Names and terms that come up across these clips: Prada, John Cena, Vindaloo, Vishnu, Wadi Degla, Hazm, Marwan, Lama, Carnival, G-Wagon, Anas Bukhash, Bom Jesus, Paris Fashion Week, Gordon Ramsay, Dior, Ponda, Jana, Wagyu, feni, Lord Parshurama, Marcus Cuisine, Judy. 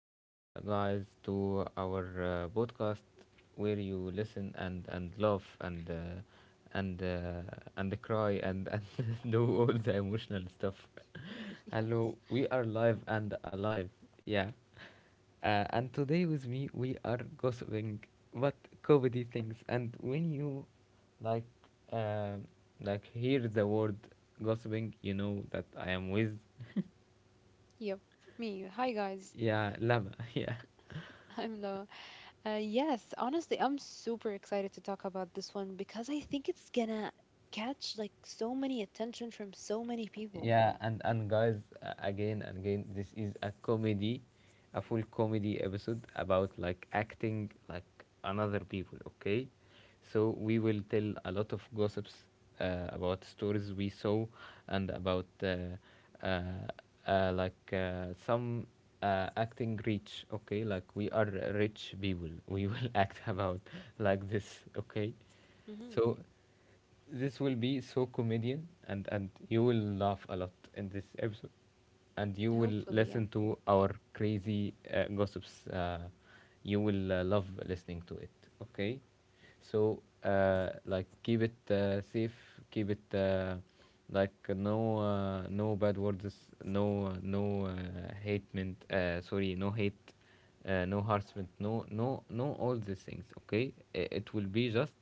back, guys, to our podcast where you listen and laugh and uh, and cry and do all the emotional stuff. Hello, Yes. we are live and alive. Yeah, and today with me we are gossiping, but comedy things. And when you like uh, like hear the word gossiping, you know that I am with Yep. Me. Hi, guys. yeah Lama yeah. I'm Noah. Yes, honestly, I'm super excited to talk about this one because I think it's gonna catch like so many attention from so many people. Yeah, and guys, again and again, this is a comedy, a full comedy episode about like acting like another people. Okay, so we will tell a lot of gossips about stories we saw and about uh, like some acting rich. Okay, like we are rich people. We will act about like this. Okay, Hmm. so. This will be so comedian, and you will laugh a lot in this episode, and you will Hopefully, yeah. listen to our crazy gossips. You will love listening to it. Okay, so like keep it safe, keep it like no bad words, no hatement. Sorry, no hate no harassment, no, no, no, all these things. Okay, it will be just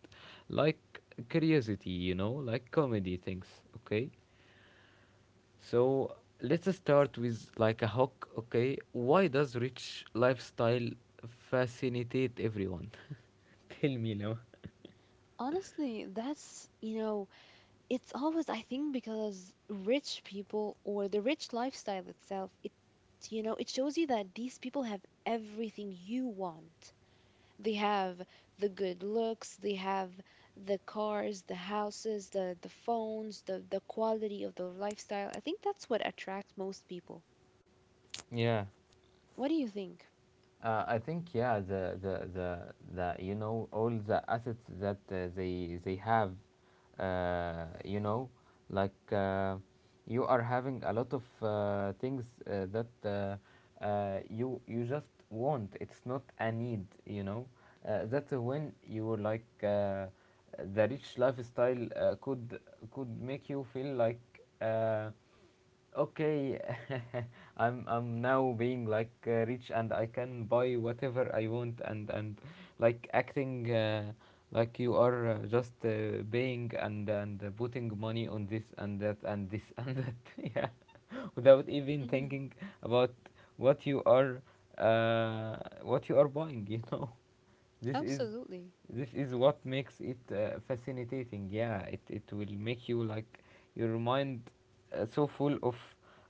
like curiosity, you know, like comedy things. Okay, so let's start with like a hook. Okay, why does rich lifestyle fascinate everyone? Tell me now. Honestly, that's, it's always, I think, because rich people or the rich lifestyle itself, it shows you that these people have everything you want. They have the good looks, they have the cars, the houses, the phones, the quality of their lifestyle. I think that's what attracts most people. Yeah. What do you think? I think, yeah, the you know all the assets that they have, you know, like you are having a lot of things that you just want. It's not a need, you know. That's when you like the rich lifestyle could make you feel like. Uh, Okay, I'm now being like rich and I can buy whatever I want and like acting, like you are just paying and putting money on this and that and this and that, yeah, without even Hmm. thinking about what you are what you are buying, you know. this is Absolutely. this is what makes it fascinating, yeah. It will make you like your mind so full of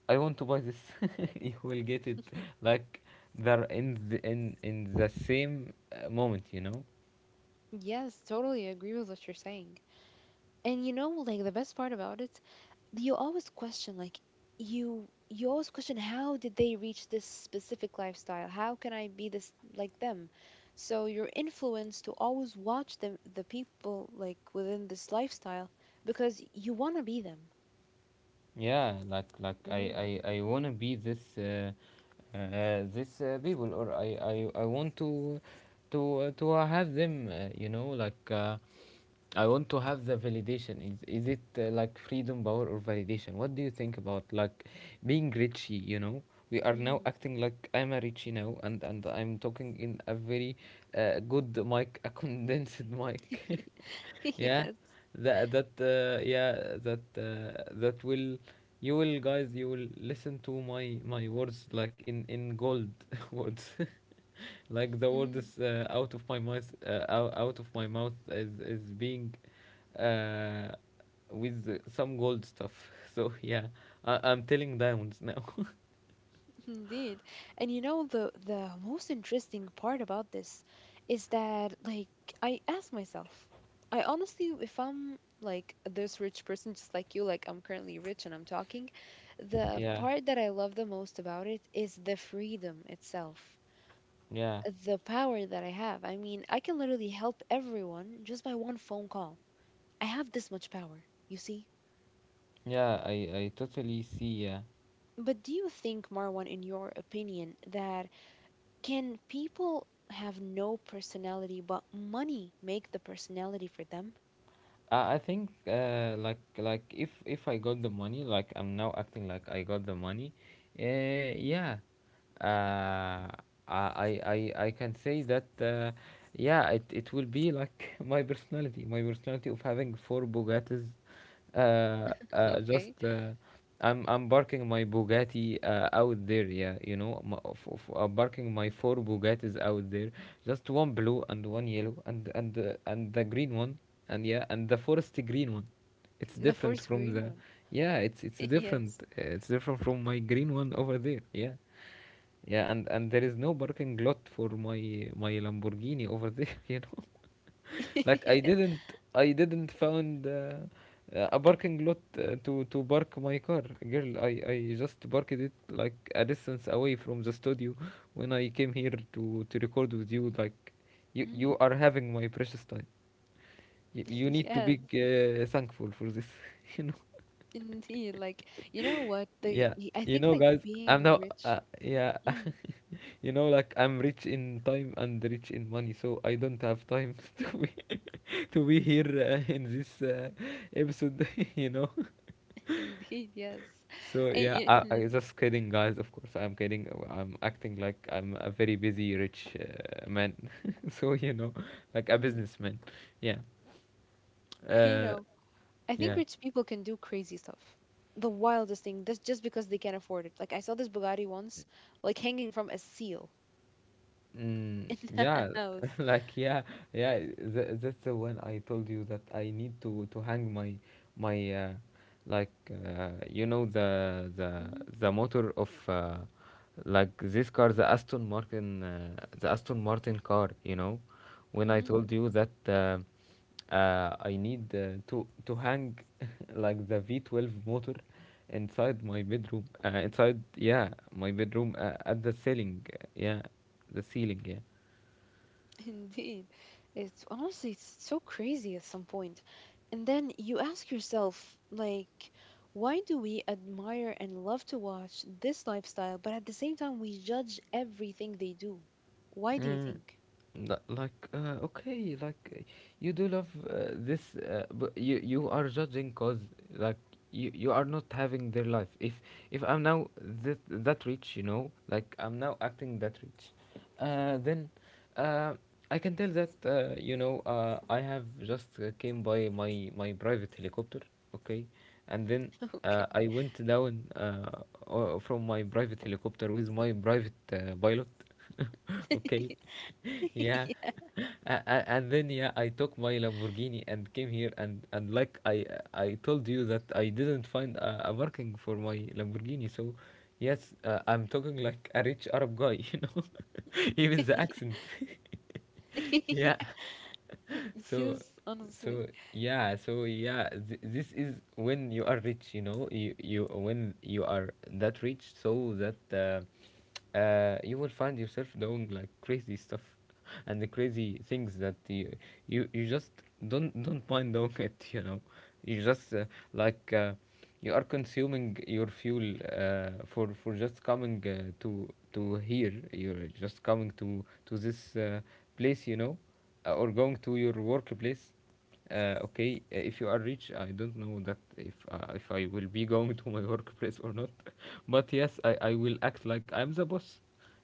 "I want to buy this." You will get it, like, they're in the same moment, you know. Yes, totally agree with what you're saying. And you know, like the best part about it, you always question, like, you always question, how did they reach this specific lifestyle? How can I be this, like them? So you're influenced to always watch them, the people like within this lifestyle, because you want to be them. Yeah, like Mm-hmm. I wanna be this, this people, or I want to have them, you know, like I want to have the validation. Is it like freedom, power, or validation? What do you think about like being Richie? You know, we are now Mm-hmm. acting like I'm a Richie now, and I'm talking in a very good mic, a condensed mic. Yeah, Yes. that that yeah that that will you will guys, you will listen to my words like in gold words. Like the word is out of my mouth, out of my mouth is being uh with some gold stuff. So yeah, I'm telling diamonds now. Indeed. And you know, the most interesting part about this is that, like, I ask myself, I honestly if I'm like this rich person just like you, like I'm currently rich and I'm talking, the Yeah, part that I love the most about it is the freedom itself. yeah, The power that I have. I mean, I can literally help everyone just by one phone call. I have this much power, you see? yeah, I totally see, yeah. But do you think, Marwan, in your opinion, that can people have no personality, but money make the personality for them? I think, like if I got the money, like I'm now acting like I got the money, uh yeah uh, I can say that, yeah, it will be like my personality of having four Bugattis, just Okay. I'm parking my Bugatti out there, yeah, you know, m parking my four Bugattis out there, just one blue and one yellow and the green one, and yeah, and the forest green one. It's The different first from green the, one. yeah, it's different, Yes. It's different from my green one over there, yeah. Yeah, and there is no parking lot for my Lamborghini over there, you know. Like I didn't I didn't found, a parking lot to park my car, girl. I just parked it like a distance away from the studio when I came here to record with you. Like you Mm. are having my precious time. You need to be Yes, thankful for this. You know, indeed. Like, you know what? Yeah. I You think, know, like, guys, I'm being now rich. yeah. Mm. You know, like I'm rich in time and rich in money, so I don't have time to be to be here in this episode. You know. Indeed, yes. So yeah, I. I just kidding, guys. Of course I'm kidding. I'm acting like I'm a very busy rich man. So you know, like a Mhm. businessman, yeah, You know, uh I think yeah. rich people can do crazy stuff. The wildest thing. That's just because they can't afford it. Like, I saw this Bugatti once, like hanging from a seal Mm, in the yeah. house. Like, yeah, yeah. Th That's the one I told you that I need to hang my like, you know, the the Mm-hmm. the motor of, like, this car, the Aston Martin car. You know, when I told you that I need, to hang like the V12 motor inside my bedroom, inside, yeah, my bedroom at the ceiling. Yeah, the ceiling, yeah. Indeed. It's honestly it's so crazy at some point. And then you ask yourself, like, why do we admire and love to watch this lifestyle, but at the same time we judge everything they do? Why do you Mm. think? Okay, like, you do love this, but you are judging, cause, like, you are not having their life. If I'm now that rich, you know, like I'm now acting that rich, then uh I can tell that, you know, I have just, came by my private helicopter. Okay, and then I went down from my private helicopter with my private pilot. Okay, Okay. yeah. And then, yeah, I took my Lamborghini and came here, and like, I told you that I didn't find a parking for my Lamborghini. So yes, I'm talking like a rich Arab guy. You know. Even the accent. Yeah. So, Yes, honestly. so yeah, so yeah, this is when you are rich, you know, you when you are that rich, so that you will find yourself doing like crazy stuff. And the crazy things that you just don't mind doing it, you know. You just like, you are consuming your fuel, for just coming, to here. You're just coming to this place, you know, or going to your workplace. Okay, if you are rich, I don't know that if, I will be going to my workplace or not. But yes, I will act like I'm the boss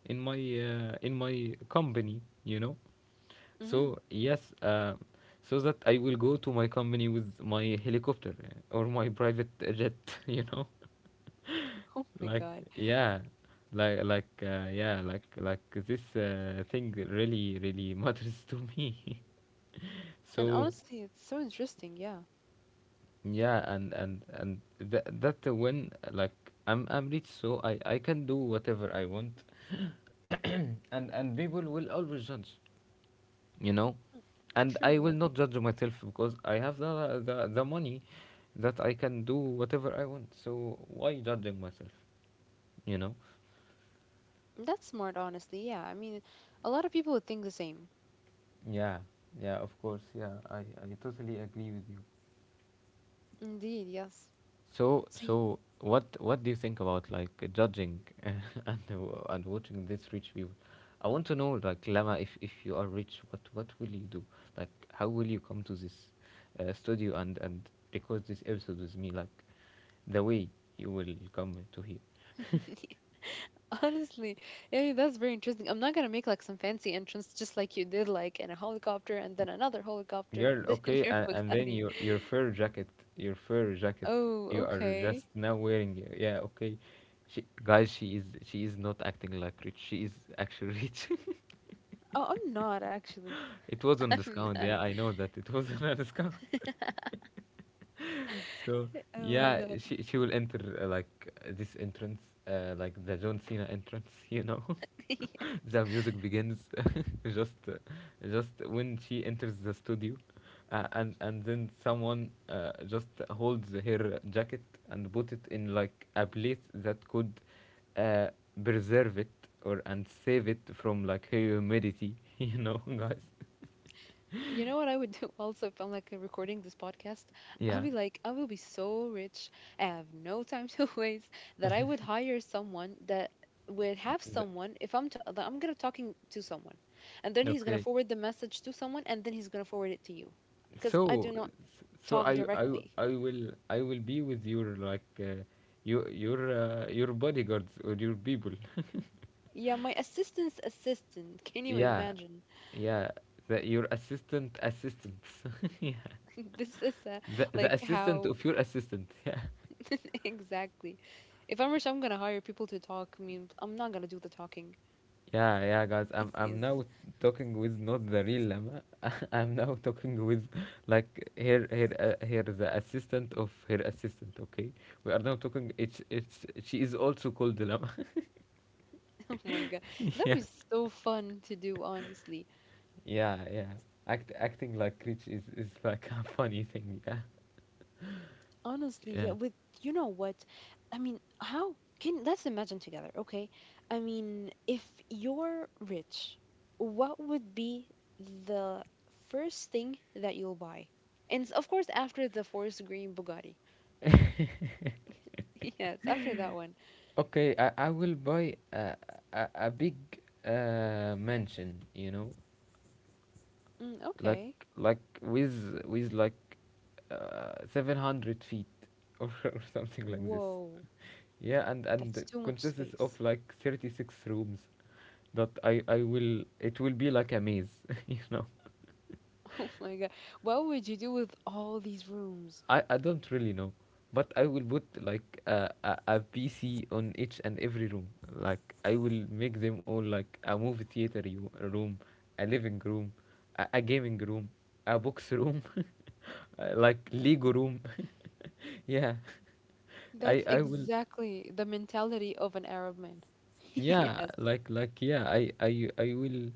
in my company, you know. Mm. So yes, so that I will go to my company with my helicopter or my private jet. You know. Oh my Like, God. yeah, like this thing really matters to me. And So. honestly, it's so interesting, yeah. Yeah, and that when, like, I'm rich, so I can do whatever I want, and people will always judge, you know, Mm. and True, I will yeah. not judge myself because I have the money, that I can do whatever I want. So why judging myself, you know? That's smart, honestly, yeah. I mean, a lot of people would think the same. Yeah, yeah, of course, yeah. I totally agree with you. Indeed, yes. So, So so what do you think about like judging and watching these rich people? I want to know, like, Lama, if you are rich, what will you do? Like, how will you come to this studio and record this episode with me? Like, the way you will come to here, Honestly, yeah, that's very interesting. I'm not gonna make like some fancy entrance just like you did, like in a helicopter and then another helicopter girl. and then in Okay, your and then Bugatti. your fur jacket, your fur jacket, Oh, you are okay. just now wearing. It. Yeah, okay. She, guys, she is not acting like rich. She is actually rich. Oh, I'm not actually. It was on I'm discount. not. Yeah, I know that it was on a discount. So Oh my yeah, God. she will enter, like, this entrance, like the John Cena entrance. You know. The music begins just uh, just when she enters the studio, and then someone, just holds her jacket and put it in like a place that could, uh, preserve it or and save it from, like, humidity. You know, guys. You know what I would do also if I'm like recording this podcast? i will Yeah. be like, I will be so rich. I have no time to waste that I would hire someone that would have The- someone if that I'm gonna talking to someone, and then he's gonna okay. forward the message to someone, and then he's gonna forward it to you, because I do So not so talk I I directly. I will I will be with your, like, your bodyguards or your people. Yeah, my assistant's assistant. Can you Yeah, imagine? yeah. The, your assistants. Yeah. This is The like assistant how of your assistant. Yeah. exactly. If I'm rich, I'm gonna hire people to talk. I mean, I'm not gonna do the talking. Yeah, yeah, guys. I'm Yes. now talking with not the real Lama. I'm now talking with, like, her here, the assistant of her assistant. Okay, we are now talking. It's she is also called Lama. Oh my God. That was so fun to do, honestly. Yeah, yeah. Acting like rich is like a funny thing. Yeah, Honestly, yeah, yeah. with, you know what? I mean, how can, let's imagine together, okay? I mean, if you're rich, what would be the first thing that you'll buy? And of course, after the forest green Bugatti. Yes, after that one. Okay, I will buy a big mansion. You know, Mm, like okay. like with like 700 feet or or something like this. Whoa, Yeah, and that's too much consists of space. like 36 rooms. That I will it will be like a maze. You know. Oh my God. What would you do with all these rooms? I don't really know, but I will put like a PC on each and every room. Like I will make them all like a movie theater room, a living room, a gaming room, a box room, like Lego room. Yeah, I That's I will. exactly the mentality of an Arab man. Yeah, Yes. like yeah,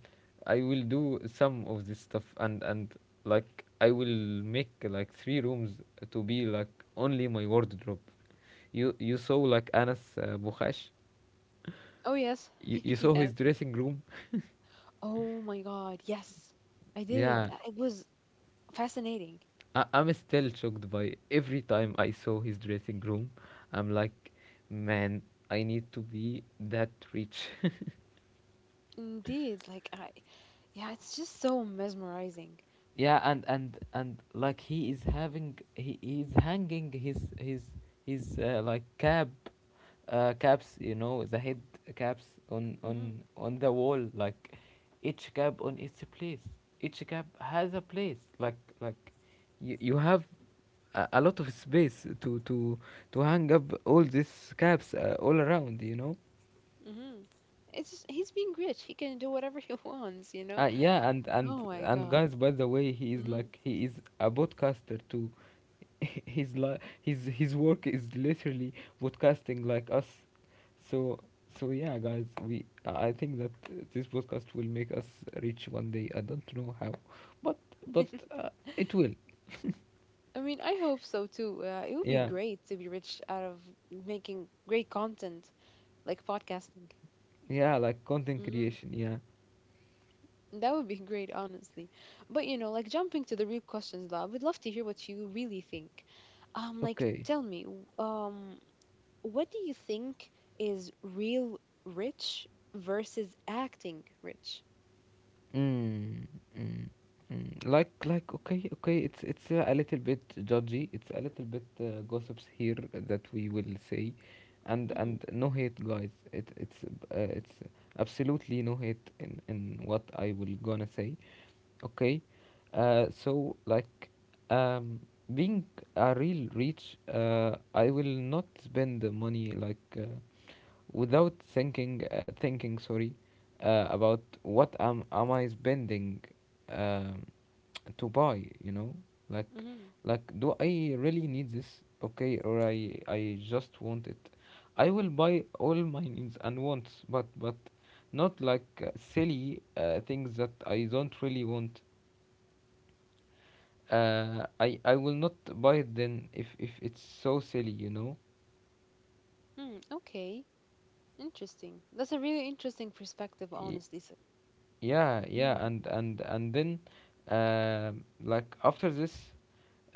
I will do some of this stuff and like I will make like three rooms to be like only my wardrobe. You saw like Anas Bukhash. Oh, yes. You, you saw his Yes. dressing room. Oh my God. Yes. I did. Yeah, It was fascinating. I'm still shocked by every time I saw his dressing room. I'm like, man, I need to be that rich. Indeed. Like, I, yeah, it's just so mesmerizing. Yeah, and like he is having he is hanging his like caps, you know, the head caps on Mm-hmm. on on the wall, like each cap on its place, each cap has a place, like you have a lot of space to hang up all these caps, all around, you know. Mm-hmm. It's just, he's being rich. He can do whatever he wants, you know? Yeah, and Oh and my and God. guys, by the way, Mm-hmm. He is a podcaster too. His li- his work is literally podcasting like us. So so yeah, guys, we I think that this podcast will make us rich one day. I don't know how, but but it will. I mean, I hope so too. It would be Yeah, great to be rich out of making great content like podcasting. yeah, like content Mm-hmm. creation. Yeah. That would be great, honestly. But you know, like jumping to the real questions, love, we'd love to hear what you really think. Like, Okay. tell me, what do you think is real rich versus acting rich? Mm, mm, mm. Okay, It's a little bit judgy. It's a little bit gossips here that we will say, and Mm-hmm. and no hate, guys. It's absolutely no hate in what I will gonna say, okay. So like, um being a real rich, I will not spend the money like, without thinking, sorry, about what am I spending, um, to buy, you know, like, Mm-hmm. Do I really need this, okay, or I just want it. I will buy all my needs and wants, but not like, silly, things that I don't really want. I will not buy it then, if it's so silly, you know. Mm, okay. Interesting. That's a really interesting perspective, Y- honestly. So, yeah, mm-hmm. yeah, and then, uh, like after this,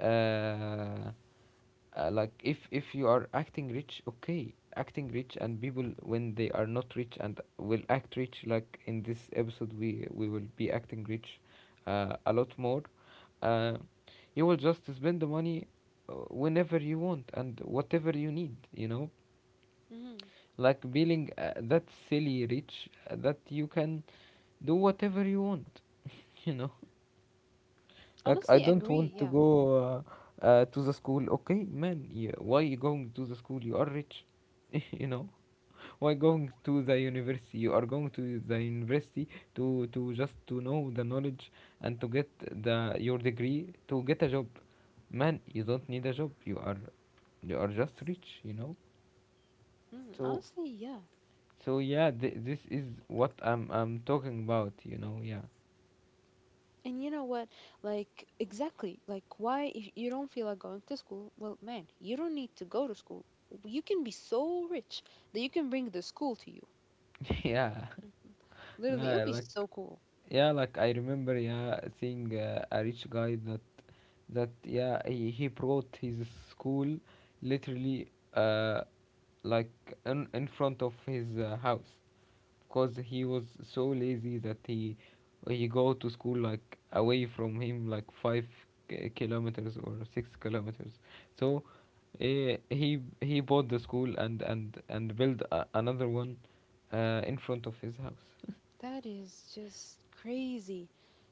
uh, like, if you are acting rich, okay, acting rich, and people when they are not rich and will act rich, like in this episode we will be acting rich, a lot more. uh, you will just spend the money, whenever you want and whatever you need, you know. Like being, that silly rich, that you can do whatever you want, you know. Like, Honestly, I don't agree. want to Yeah. go, to the school. Okay, man, yeah, why you going to the school? You are rich, you know. Why going to the university? You are going to the university to just to know the knowledge, and to get the your degree to get a job. Man, you don't need a job. You are just rich, you know. Mm, So honestly, yeah. so yeah, this is what I'm talking about, you know. Yeah. And you know what? Like, exactly. Like, why if you don't feel like going to school? Well, man, you don't need to go to school. You can be so rich that you can bring the school to you. Yeah. Mhm. Literally, it Li- would be Like so cool. Yeah, like I remember, yeah, seeing a rich guy that that yeah, he brought his school literally, like in front of his house, because he was so lazy that he go to school like away from him like five kilometers or 6 kilometers. So, he bought the school and built another one, in front of his house. That is just crazy.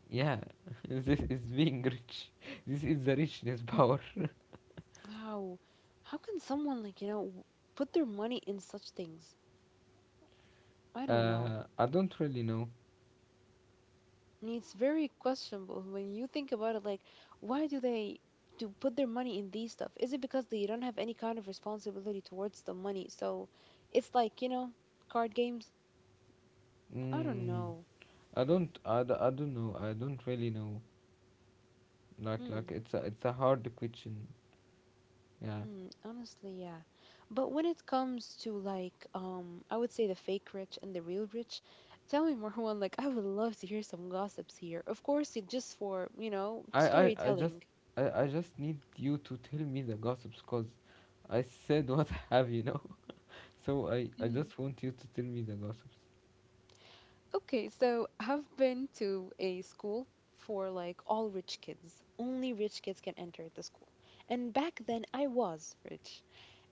Yeah. This is being rich. This is the richness power. Wow. How can someone, like, you know, put their money in such things? I don't know. I don't really know. And it's very questionable when you think about it. Like, why do they to put their money in these stuff? Is it because they don't have any kind of responsibility towards the money? So it's like, you know, card games. I don't Mm, know. I don't. I don't know. I don't really know. Like Hmm. like it's a hard question. Yeah. Hmm. Honestly, yeah. But when it comes to, like, I would say the fake rich and the real rich. Tell me, Marwan. Like, I would love to hear some gossips here. Of course, it just for, you know, I I, I storytelling. just I just need you to tell me the gossips, cause I said what I have, you know. So I just want you to tell me the gossips. Okay, so I've been to a school for like all rich kids. Only rich kids can enter the school. And back then I was rich.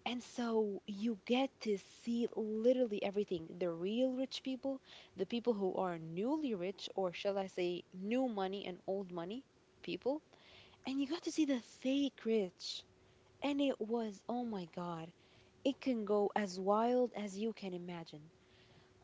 And so you get to see literally everything, the real rich people, the people who are newly rich, or shall I say, new money and old money people. And you got to see the fake rich. And it was, oh my God, it can go as wild as you can imagine.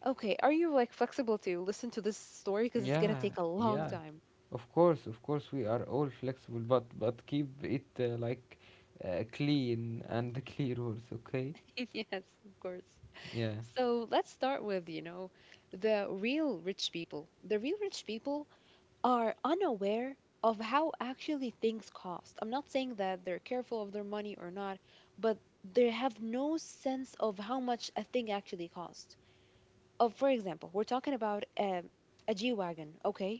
Okay, are you like flexible to listen to this story? Because it's gonna Yeah, take a long yeah. time. Of course, we are all flexible, but keep it, like, clean and clear rules, okay? Yes, of course. Yeah. So let's start with, you know, the real rich people. The real rich people are unaware of how actually things cost. I'm not saying that they're careful of their money or not, but they have no sense of how much a thing actually costs. Of, for example, we're talking about a G-Wagon, okay?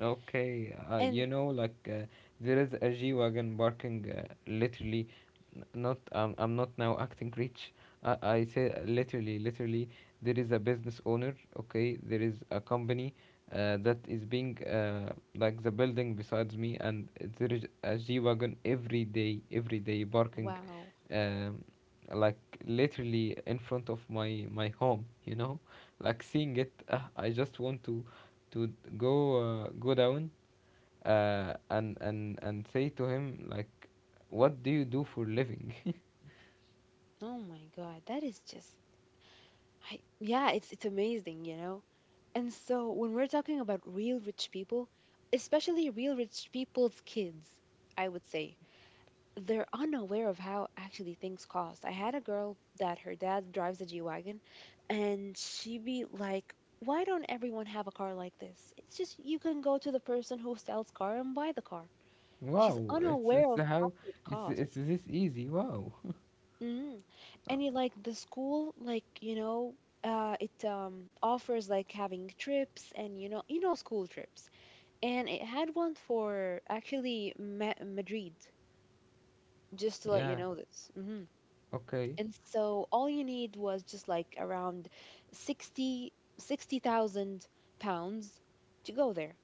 Okay, And you know, like, there is a G wagon barking. Literally, n- not I'm not now acting rich. I say, literally, literally, there is a business owner. Okay, there is a company, that is being, like, the building besides me, and there is a G wagon every day barking, wow, um, like literally in front of my home. You know, like seeing it, I just want to go go down, and say to him like, "What do you do for living?" oh my God, that is just, I, yeah, it's amazing, you know. And so when we're talking about real rich people, especially real rich people's kids, I would say they're unaware of how actually things cost. I had a girl that her dad drives a G-Wagon, and she be like, "Why don't everyone have a car like this? It's just you can go to the person who sells car and buy the car." She's Wow, unaware of how it it's costs. this easy. Wow. Mm. And you like the school, like, you know, it offers like having trips and, school trips. And it had one for actually Ma Madrid, just to let you Yeah. know this. Hmm. Okay. And so all you need was just like around 60, 60,000 pounds to go there,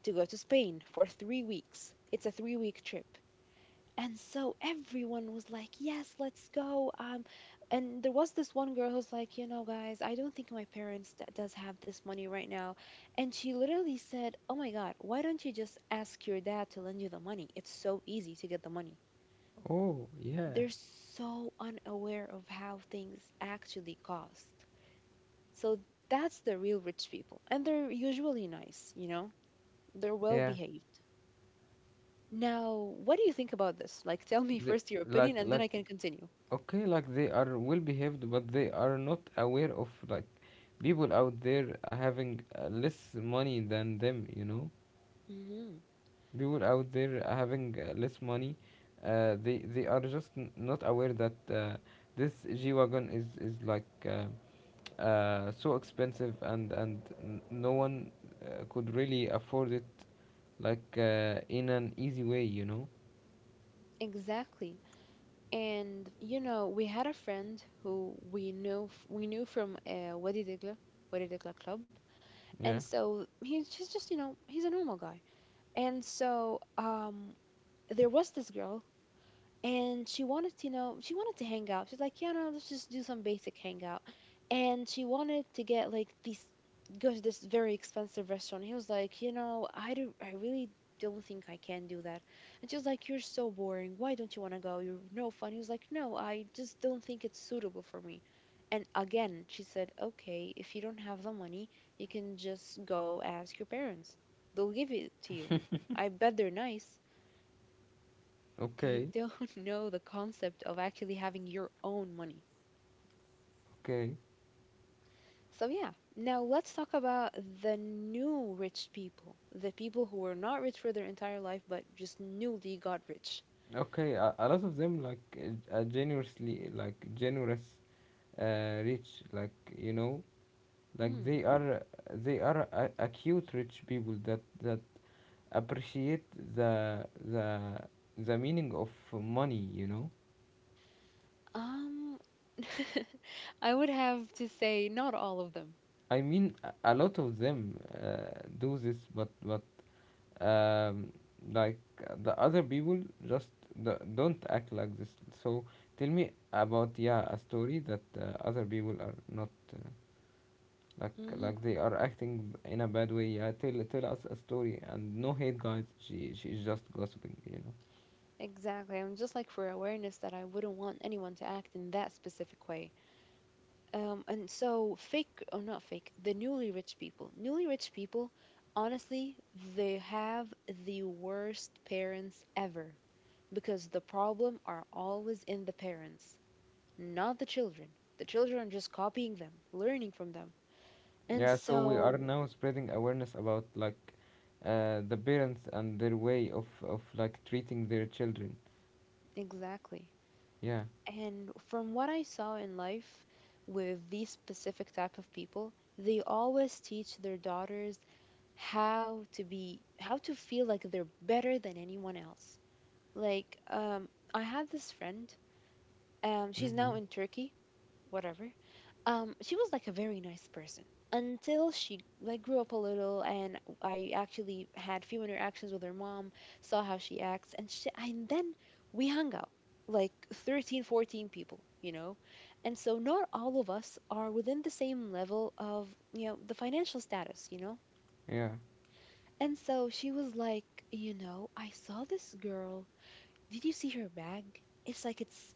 to go to Spain for 3 weeks. It's a 3 week trip. And so everyone was like, "Yes, let's go." And there was this one girl who's like, "You know, guys, I don't think my parents d does have this money right now." And she literally said, "Oh my God, why don't you just ask your dad to lend you the money? It's so easy to get the money." Oh, yeah. They're so unaware of how things actually cost. So that's the real rich people, and they're usually nice, you know? They're well Yeah. behaved. Now, what do you think about this? Like, tell me They, first your opinion, like and then like I can continue. okay, like they are well behaved, but they are not aware of like people out there having, less money than them. You know. Mhm. People out there having, less money, they are just not aware that, this G-Wagon is like, so expensive, and no one, could really afford it, like, in an easy way, you know. Exactly. And you know, we had a friend who we knew from Wadi Degla, Wadi Degla Club. Yeah. And so he's just, you know, he's a normal guy. And so there was this girl, and she wanted to know, she wanted to hang out. She's like, yeah, no, let's just do some basic hangout. And she wanted to get like these, go to this very expensive restaurant. He was like, you know, I do, I really don't think I can do that. And she was like, you're so boring, why don't you want to go, you're no fun. He was like, no, I just don't think it's suitable for me. And again she said, okay, if you don't have the money, you can just go ask your parents, they'll give it to you, I bet they're nice. They okay don't know the concept of actually having your own money. okay So, yeah, now let's talk about the new rich people. The people who were not rich for their entire life but just newly got rich. okay, a lot of them like, generously, like generous, rich, like, you know, like Hmm. They are acute rich people that appreciate the the the meaning of money, you know. Um, I would have to say not all of them. I mean, a lot of them, do this, but um, like, the other people just don't act like this. So tell me about, yeah, a story that, other people are not, like Hmm. like they are acting in a bad way. Yeah, tell us a story. And no hate, guys, she's just gossiping, you know. Exactly. I'm just like for awareness that I wouldn't want anyone to act in that specific way. And so fake or not fake, the newly rich people. Newly rich people, honestly, they have the worst parents ever because the problem are always in the parents, not the children. The children are just copying them, learning from them. And Yeah, so we are so, now spreading awareness about, like, the parents and their way of like treating their children. exactly. Yeah. And from what I saw in life with these specific type of people, they always teach their daughters how to feel like they're better than anyone else. Like I had this friend, she's now Mm-hmm. in Turkey, whatever. She was like a very nice person until she like grew up a little, and I actually had few interactions with her mom, saw how she acts, and then we hung out, like 13, 14 people, you know, and so not all of us are within the same level of, you know, the financial status, you know. Yeah. And so she was like, you know, I saw this girl. Did you see her bag? It's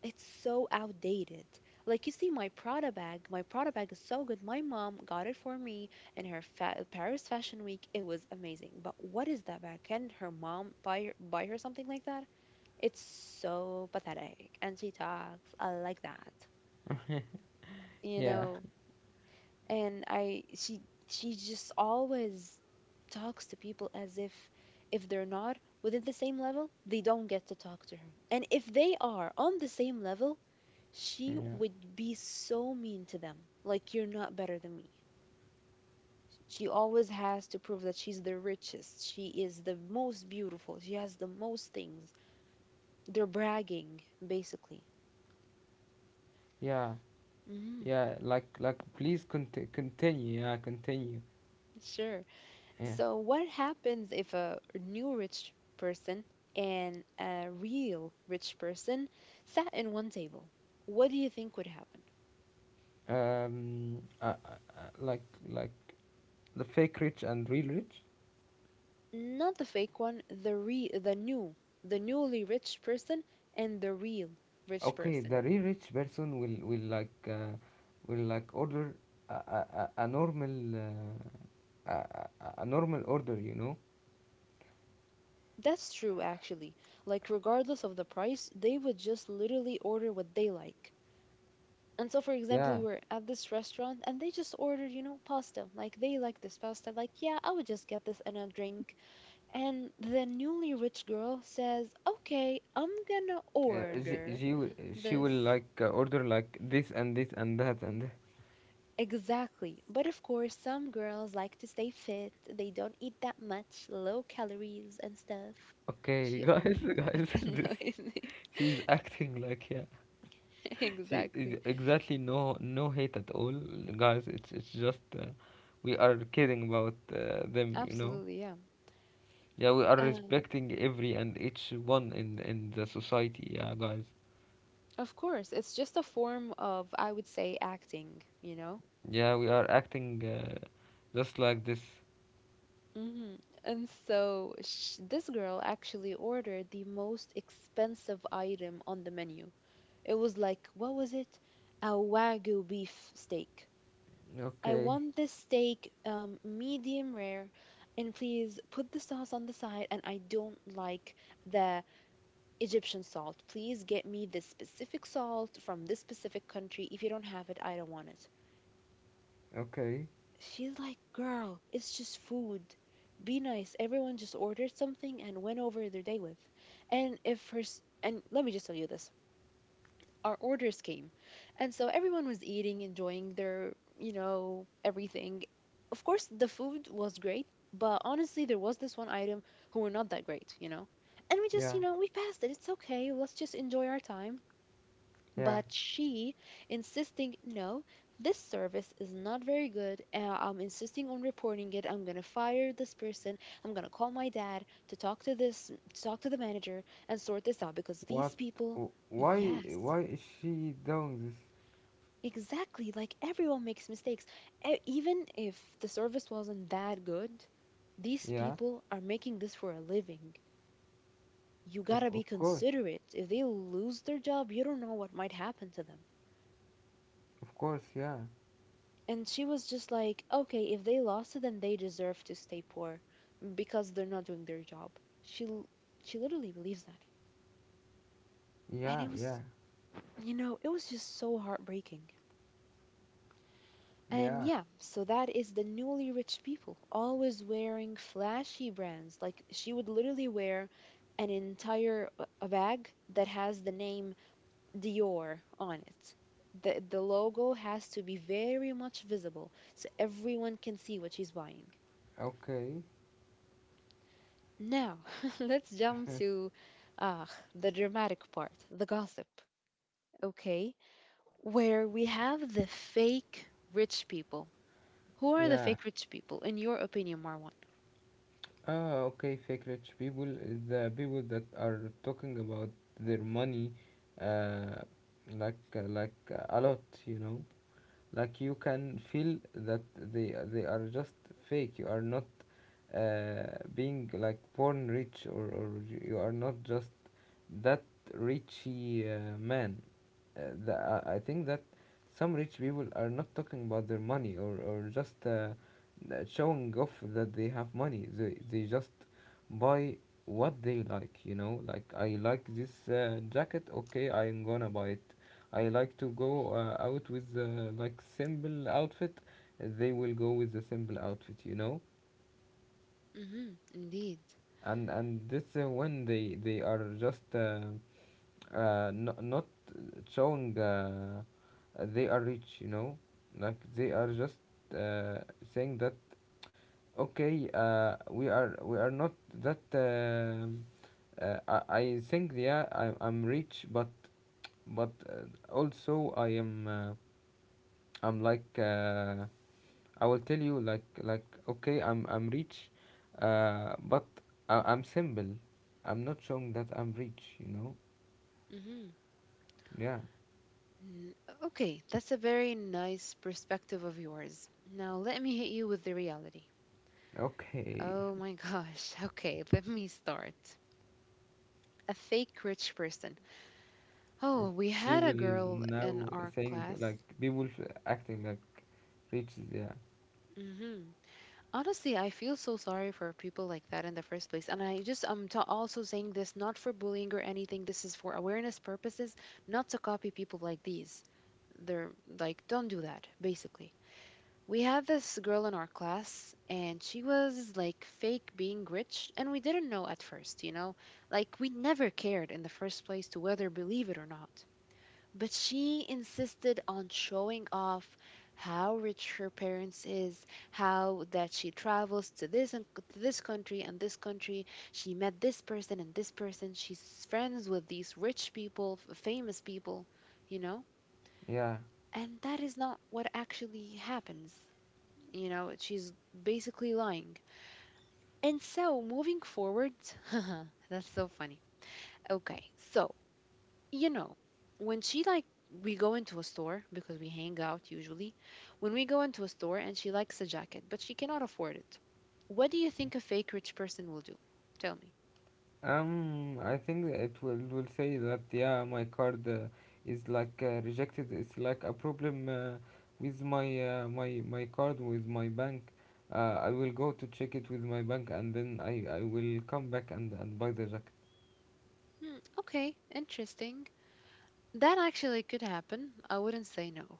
it's so outdated. Like, you see my Prada bag is so good. My mom got it for me in her Paris Fashion Week. It was amazing. But what is that bag? Can her mom buy her, something like that? It's so pathetic. And she talks like that. You Yeah. know, and I she just always talks to people as if they're not within the same level, they don't get to talk to her. And if they are on the same level, she Yeah. would be so mean to them. Like, you're not better than me. She always has to prove that she's the richest, she is the most beautiful, she has the most things. They're bragging basically. Yeah. Hmm. Yeah. Like, please, continue. Yeah, continue. Sure. Yeah. So, what happens if a new rich person and a real rich person sat in one table? What do you think would happen? Um. Uh, uh, uh, like like the fake rich and real rich. Not the fake one, the new, the newly rich person and the real rich Okay, the person. real rich person will like, will like order a a, a normal, a, a a normal order. You know. That's true actually. Like, regardless of the price, they would just literally order what they like. And so for example, Yeah. we were at this restaurant and they just ordered, you know, pasta. Like, they like this pasta. Like, yeah, I would just get this and a drink. And the newly rich girl says, okay, I'm gonna Uh, she, order she will- she this. will like, order like this and this and that and that. Exactly. But of course, some girls like to stay fit. They don't eat that much, low calories and stuff. Okay, She, oh my God, it's guys, this, annoying me. she's acting like, yeah, she Exactly. is exactly. No, hate at all, guys. It's just, we are kidding about, them, you know. Absolutely, yeah. Yeah, we are Um, respecting every and each one in the society, yeah, guys. of course, it's just a form of, I would say, acting, you know? Yeah, we are acting, just like this. Hmm. And so sh this girl actually ordered the most expensive item on the menu. It was like, what was it? A Wagyu beef steak. I Okay. want this steak, medium rare, and please put the sauce on the side. And I don't like the Egyptian salt. Please get me this specific salt from this specific country. If you don't have it, I don't want it. Okay. She's like, girl, it's just food. Be nice. Everyone just ordered something and went over their day with. And if her, s- and let me just tell you this, our orders came. And so everyone was eating, enjoying their, you know, everything. Of course, the food was great, but honestly, there was this one item who were not that great, you know? And we just, Yeah, you know, we passed it. It's okay. Let's just enjoy our time. yeah. But she insisting, no, this service is not very good, and I'm insisting on reporting it. I'm going to fire this person. I'm going to call my dad to talk to the manager and sort this out because these What? people, Why? yes, Why is she doing this? exactly, like, everyone makes mistakes. Even if the service wasn't that good, these Yeah, people are making this for a living. You got to of be course, considerate. If they lose their job, you don't know what might happen to them. of course. Yeah, And she was just like, okay, if they lost it, then they deserve to stay poor because they're not doing their job. She l- she literally believes that. And yeah, it yeah, was, you know, it was just so heartbreaking. And yeah. yeah, so that is the newly rich people always wearing flashy brands. Like, she would literally wear an entire a bag that has the name Dior on it. The logo has to be very much visible so everyone can see what she's buying. Okay, Now, let's jump to, ah, the dramatic part, the gossip, okay? Where we have the fake rich people. Who are the yeah. fake rich people, in your opinion, Marwan? Ah, okay. Fake rich people is the people that are talking about their money, uh, a lot. You know. Like you can feel that they are just fake. You are not, uh, being like born rich, or you are not just that richy, man. Uh, the, I I think that some rich people are not talking about their money, or just, showing off that they have money. They just buy what they like, you know. Like, I like this, jacket. Okay, I'm gonna buy it. I like to go, out with, like, simple outfit. They will go with the simple outfit, you know. Mm-hmm, indeed. And this, when they are just, no, not showing, they are rich, you know. Like they are just, uh, saying that, okay, we are not that. I think, yeah, I'm rich, but also I am, I'm like. I will tell you, like okay, I'm rich, but I'm simple. I'm not showing that I'm rich. You know. Mm-hmm. Yeah. N- Okay, that's a very nice perspective of yours. Now, let me hit you with the reality. Okay. Oh my gosh. Okay, let me start. A fake rich person. Oh, we She had a will girl in now our saying class. like people acting like rich. Yeah. Mm-hmm. Honestly, I feel so sorry for people like that in the first place. And I just am ta also saying this not for bullying or anything. This is for awareness purposes, not to copy people like these. They're like, don't do that, basically. We had this girl in our class, and she was like fake being rich, and we didn't know at first, you know? Like, we never cared in the first place to whether believe it or not. But she insisted on showing off how rich her parents is, how that she travels to this and to this country and this country. She met this person and this person. She's friends with these rich people, famous people, you know? Yeah. And that is not what actually happens. You know, she's basically lying. And so, moving forward, that's so funny. Okay, so, you know, when she like we go into a store because we hang out usually. When we go into a store and she likes a jacket, but she cannot afford it. What do you think a fake rich person will do? Tell me. I think it will say that, yeah, my card, is like, rejected. It's like a problem, with my, my card with my bank. I will go to check it with my bank, and then I will come back and buy the jacket. Hmm, okay, interesting. That actually could happen. I wouldn't say no.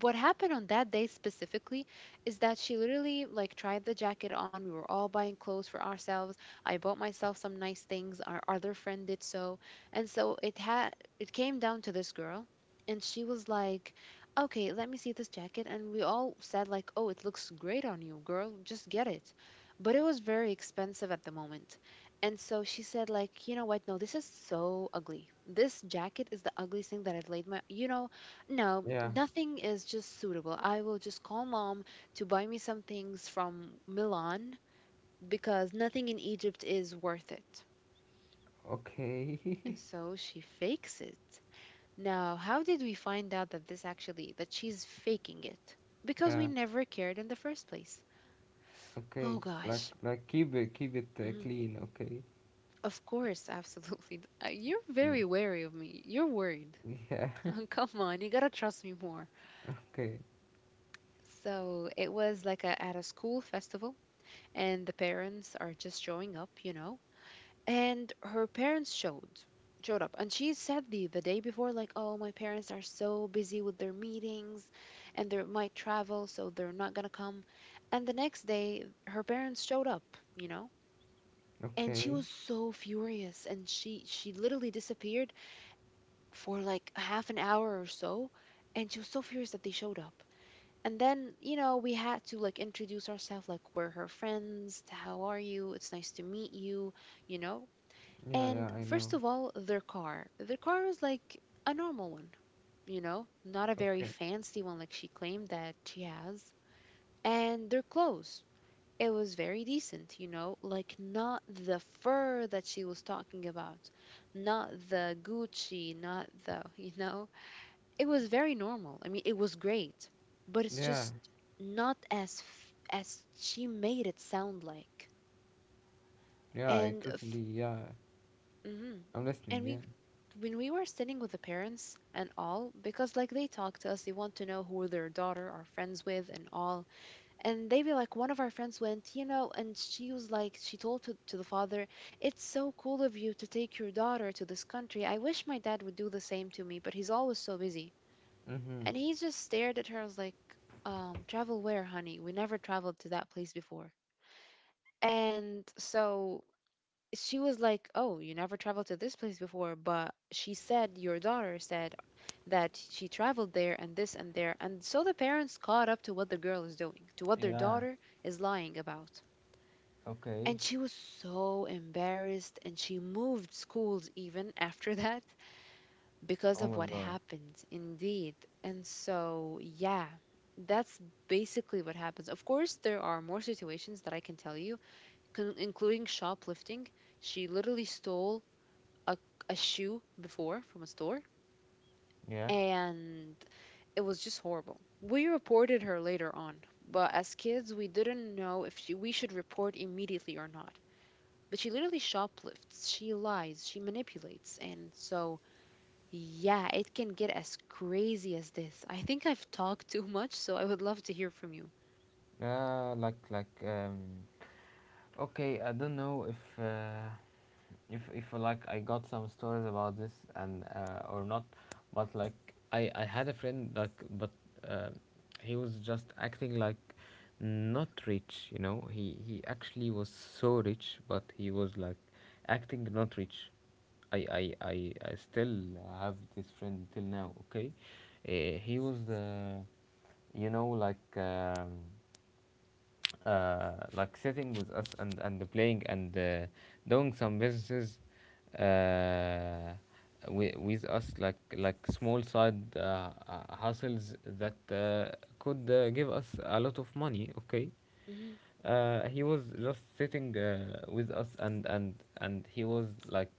What happened on that day specifically is that she literally like tried the jacket on. We were all buying clothes for ourselves. I bought myself some nice things. Our other friend did so. And so it came down to this girl and she was like, "Okay, let me see this jacket." And we all said like, "Oh, it looks great on you, girl. Just get it." But it was very expensive at the moment. And so she said, like, you know what? No, this is so ugly. This jacket is the ugliest thing that I've laid my, you know, no, Yeah. nothing is just suitable. I will just call mom to buy me some things from Milan because nothing in Egypt is worth it. Okay. And so she fakes it. Now, how did we find out that this actually, that she's faking it? Because Yeah. we never cared in the first place. Okay. Oh gosh. Like, keep it, Mhm. clean. Okay. Of course, absolutely. You're Yeah. very wary of me. You're worried. Yeah. Come on, you gotta trust me more. Okay. So it was like a, at a school festival, and the parents are just showing up, you know. And her parents showed up, and she said the day before, like, "Oh, my parents are so busy with their meetings, and they might travel, so they're not gonna come." And the next day, her parents showed up, you know. And she was Okay. so furious, and she literally disappeared for like half an hour or so, and she was so furious that they showed up. And then, you know, we had to like introduce ourselves, like, we're her friends, how are you? It's nice to meet you, you know? Yeah. And Yeah. I first know. of all, their car. Their car is like a normal one, you know, not a very Okay. fancy one like she claimed that she has. And their clothes. It was very decent, you know, like, not the fur that she was talking about, not the Gucci, not the, you know, it was very normal. I mean, it was great, but it's Yeah. just not as as she made it sound like. Yeah. I And f- totally. Yeah. mhm. I'm listening. And Yeah. we, when we were sitting with the parents and all, because like they talk to us, they want to know who their daughter are friends with and all, and they be like, one of our friends went, you know, and she was like, she told to the father, it's so cool of you to take your daughter to this country. I wish my dad would do the same to me, but he's always so busy. Mm-hmm. And he just stared at her. I was like, travel where, honey? We never traveled to that place before. And so she was like, oh, you never traveled to this place before. But she said, your daughter said that she traveled there and this and there. And so the parents caught up to what the girl is doing, to what their Yeah. daughter is lying about. Okay. And she was so embarrassed and she moved schools even after that because Oh of my what God. happened indeed and so yeah that's basically what happens. Of course there are more situations that I can tell you, including shoplifting. She literally stole a, a shoe before from a store. Yeah. And it was just horrible. We reported her later on, but as kids we didn't know if we should report immediately or not. But she literally shoplifts, she lies, she manipulates. And so yeah, it can get as crazy as this. I think I've talked too much, so I would love to hear from you. Like Okay. I don't know if like I got some stories about this and or not, but like I had a friend like, but uh, he was just acting like not rich, you know. He actually was so rich, but he was like acting not rich. I still have this friend till now. Okay, he was the, you know, like. Like sitting with us and playing and doing some businesses, uh, with us, like small side hustles that could give us a lot of money. Okay. Mhm, He was just sitting with us, and and he was like,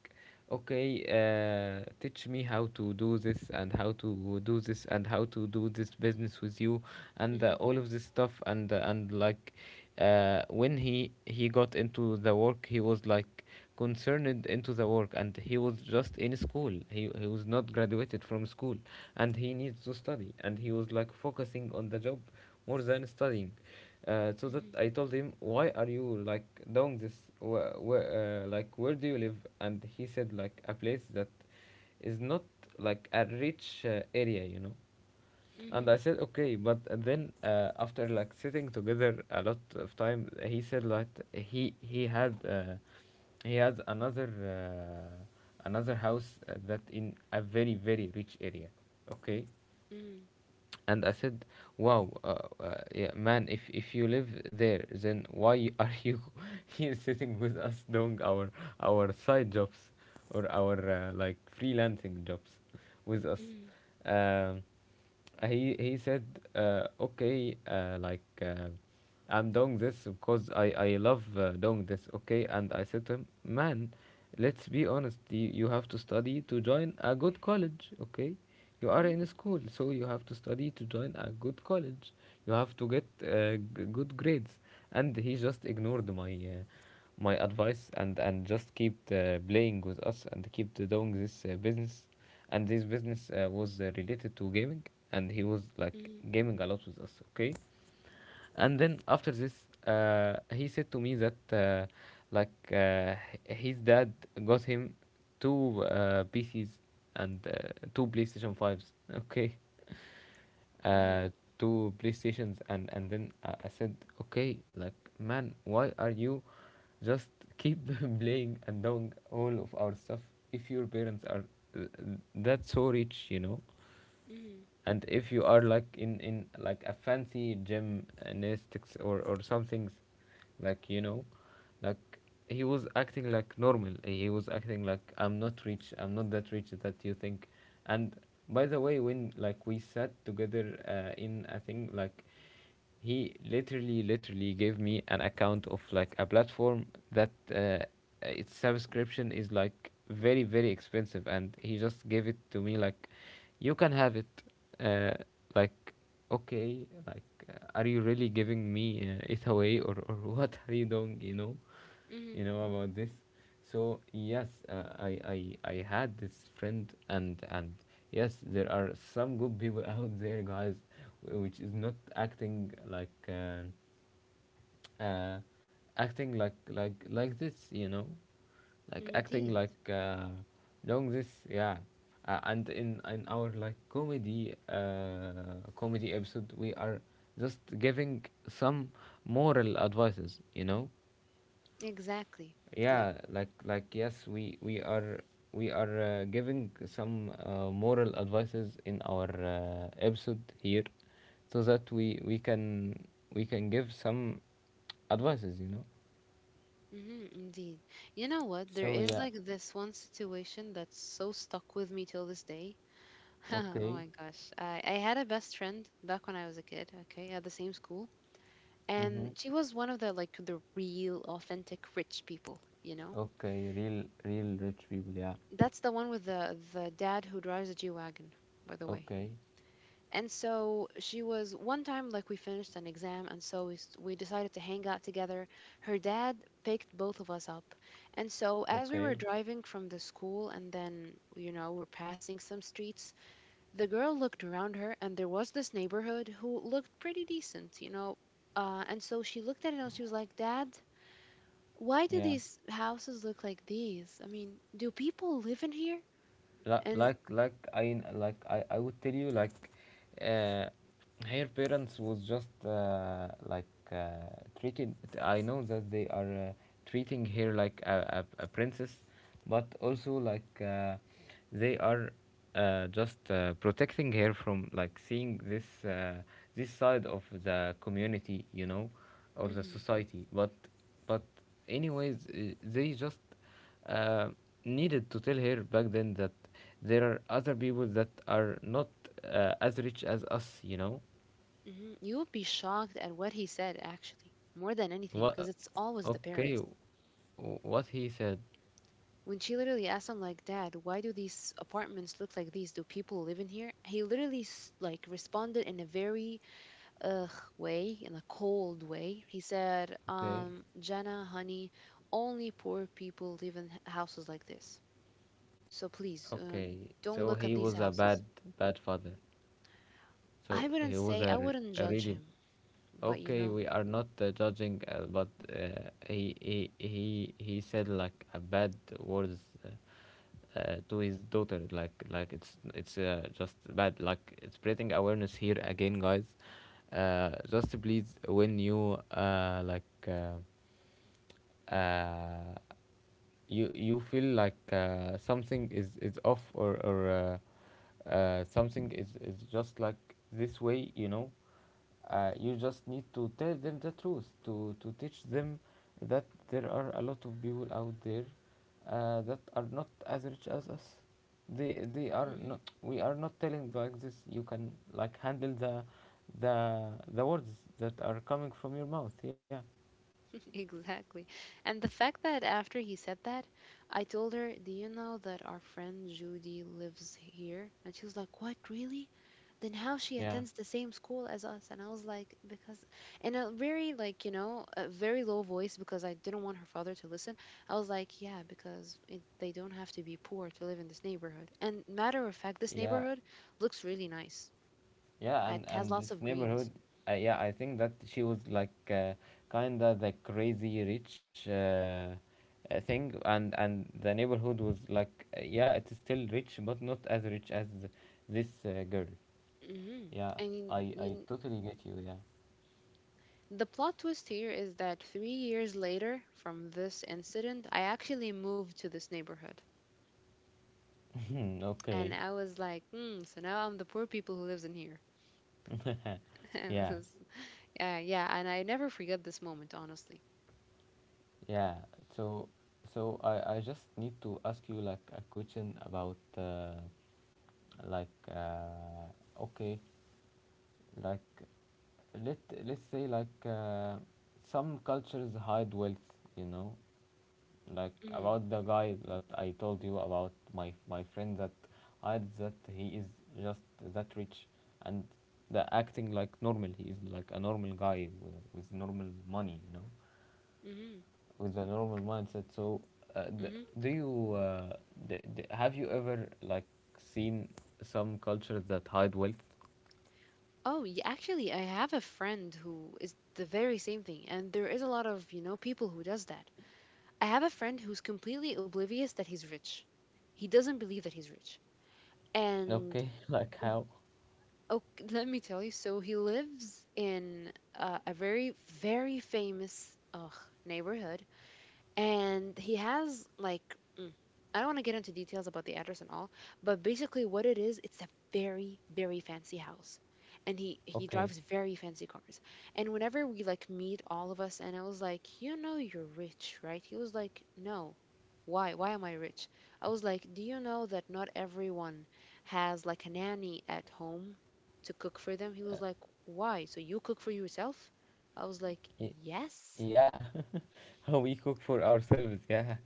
okay, teach me how to do this and how to do this and how to do this business with you and mhm, all of this stuff and like, when he got into the work, he was like concerned into the work, and he was just in school. He was not graduated from school, and he needs to study, and he was like focusing on the job more than studying. So that mhm, I told him, "Why are you like doing this? Where, like where do you live?" And he said like a place that is not like a rich area, you know. And I mhm, said, "Okay, but then." After like sitting together a lot of time, he said like he had, he has another, another house, that in a very very rich area. Okay, mhm, and I said, "Wow, yeah, man! If you live there, then why are you here sitting with us doing our side jobs or our, like freelancing jobs with us?" mhm, Um, he said, "Okay, like, I'm doing this because I love doing this. Okay," and I said to him, "Man. Let's be honest. You have to study to join a good college, okay? You are mhm, in school, so you have to study to join a good college. You have to get good grades." And he just ignored my, my advice, and just kept playing with us and kept doing this business. And this business was related to gaming, and he was like mhm, gaming a lot with us. Okay. And then after this, he said to me that, like uh, h- his dad got him two PCs, and two PlayStation 5s. Okay. uh, mhm, Two PlayStations. And then I said, "Okay, like, man, why are you just keep playing and doing all of our stuff if your parents are, that's so rich, you know? mhm, And if you are like in like a fancy gym anesthetics or something, like, you know." Like, he was acting like normal. He was acting like, "I'm not rich. I'm not that rich that you think." And by the way, when like we sat together in a thing like, he literally literally gave me an account of like a platform that, its subscription is like very very expensive, and he just gave it to me, like, "You can have it uh, like, okay, like, are you really giving me it away, or what are you doing, you know? mhm. You know about this?" So yes, I had this friend, and yes, there are some good people out there, guys, which is not acting like, uh, acting like like this, you know, like acting Indeed. like doing this. Yeah. And in our like comedy comedy episode, we are just giving some moral advices, you know. Exactly. Yep. Yeah, like, yes, we are, we are giving some moral advices in our episode here so that we can, we can give some advices, you know. Hmm, indeed. You know what? There So is yeah. like this one situation that's so stuck with me till this day. Oh Okay. my gosh. I had a best friend back when I was a kid, okay, at the same school. Mm-hmm. And she was one of the like the real authentic rich people, you know? Okay, real real rich people. Yeah. That's the one with the dad who drives a G-Wagon, by the way. Okay. And so she was one time like we finished an exam, and so we decided to hang out together. Her dad picked both of us up. And so as we Okay. were driving from the school and then you know, we're passing some streets, the girl looked around her and there was this neighborhood who looked pretty decent, you know. And so she looked at it and she was like, "Dad, why do Yeah. these houses look like these? I mean, do people live in here?" Like And like I, like I would tell you like, uh, her parents was just, like, uh, treated. I know that they are, treating her like a princess, but also, like, they are, just, protecting her from like seeing this, this side of the community, you know, or the mhm, society. But but anyways, they just uh, needed to tell her back then that there are other people that are not as rich as us. You know mhm. You would be shocked at what he said, actually, more than what? anything, because it's always the Okay, w- parents. what he said. When she literally asked him, like, Dad, why do these apartments look like these? Do people live in here? He literally, like, responded in a very ugh way, in a cold way. He said, Okay, Jana, honey, only poor people live in houses like this. So please, okay. don't So look at he these was a houses. bad, bad father. So I wouldn't he was say, I a, wouldn't a judge really. him, but you Okay, know. we are not judging, but, he said like a bad words, to his daughter, like it's just bad, like spreading awareness here again, guys. Just please, when you, uh, you you feel like something is off, or, something is just like this way, you know, you just need to tell them the truth to teach them that there are a lot of people out there that are not as rich as us. They are not, Mm-hmm. we are not telling like this, you can like handle the words that are coming from your mouth. Yeah. Exactly. And the fact that after he said that, I told her, Do you know that our friend Judy lives here? And she was like, What, really? Then how she Yeah, attends the same school as us? And I was like, Because, in a very, like, you know, a very low voice because I didn't want her father to listen. I was like, Yeah, because it, they don't have to be poor to live in this neighborhood. And matter of fact, this yeah. neighborhood looks really nice, Yeah, it has and this lots of neighborhood, greens. Yeah, I think that she was like, kinda the crazy rich, thing, and the neighborhood was like, yeah, it's still rich, but not as rich as this girl. Hmm. Yeah, And I I totally get you. the plot twist here is that 3 years later from this incident, I actually moved to this neighborhood. Yeah. And Okay. I was like, hmm, so now I'm the poor people who lives in here. It was- Yeah, yeah, yeah, and I never forget this moment, honestly. yeah. So so I just need to ask you like a question about, like uh, okay. Like, let let's say, like, some cultures hide wealth, you know, like Hmm. about the guy that I told you about, my friend that hides that he is just that rich, and the acting like normal. He is like a normal guy with normal money, you know, Hmm. with a normal mindset. So, Hmm. do you, have you ever like seen some cultures that hide wealth? Oh, yeah, actually, I have a friend who is the very same thing, and there is a lot of, you know, people who does that. I have a friend who's completely oblivious that he's rich. He doesn't believe that he's rich. And Okay, like how? oh, let me tell you. So he lives in a very, very famous neighborhood, and he has like mm, I don't want to get into details about the address and all. But basically what it is, it's a very, very fancy house. And he drives Okay. very fancy cars. And whenever we like meet all of us, and I was like, you know you're rich, right? He was like, no, why am I rich? I was like, do you know that not everyone has like a nanny at home to cook for them? He was like, why, so you cook for yourself? I was like, Y- yes. yeah. How we cook for ourselves. Yeah.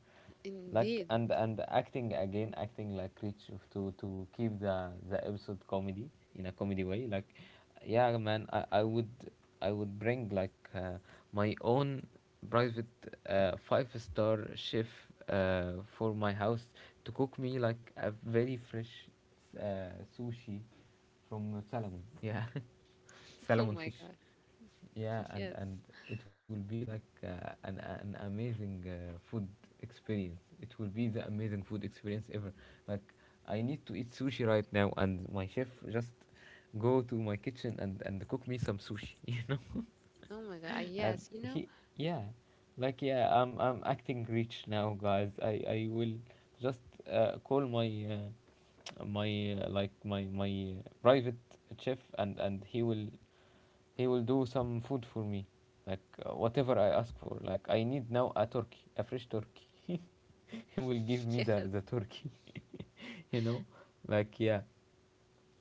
Like Indeed. And acting again, acting like rich to keep the episode comedy in a comedy way, like, yeah, man, I would bring like, my own private, five-star chef, for my house, to cook me like a very fresh sushi from salmon. Yeah. Oh my Salmon God. fish. Yeah, Yes. And it will be like, an amazing food experience. It will be the amazing food experience ever. Like, I need to eat sushi right now, and my chef just go to my kitchen and cook me some sushi. You know, Oh my God. I- Yes. You and know, he, yeah, like, yeah, I'm acting rich now, guys. I will just, call my, my, like my, private chef, and he will, he will do some food for me like, whatever I ask for, like, I need now a turkey, a fresh turkey. He will give me yes. The turkey. You know, like, yeah.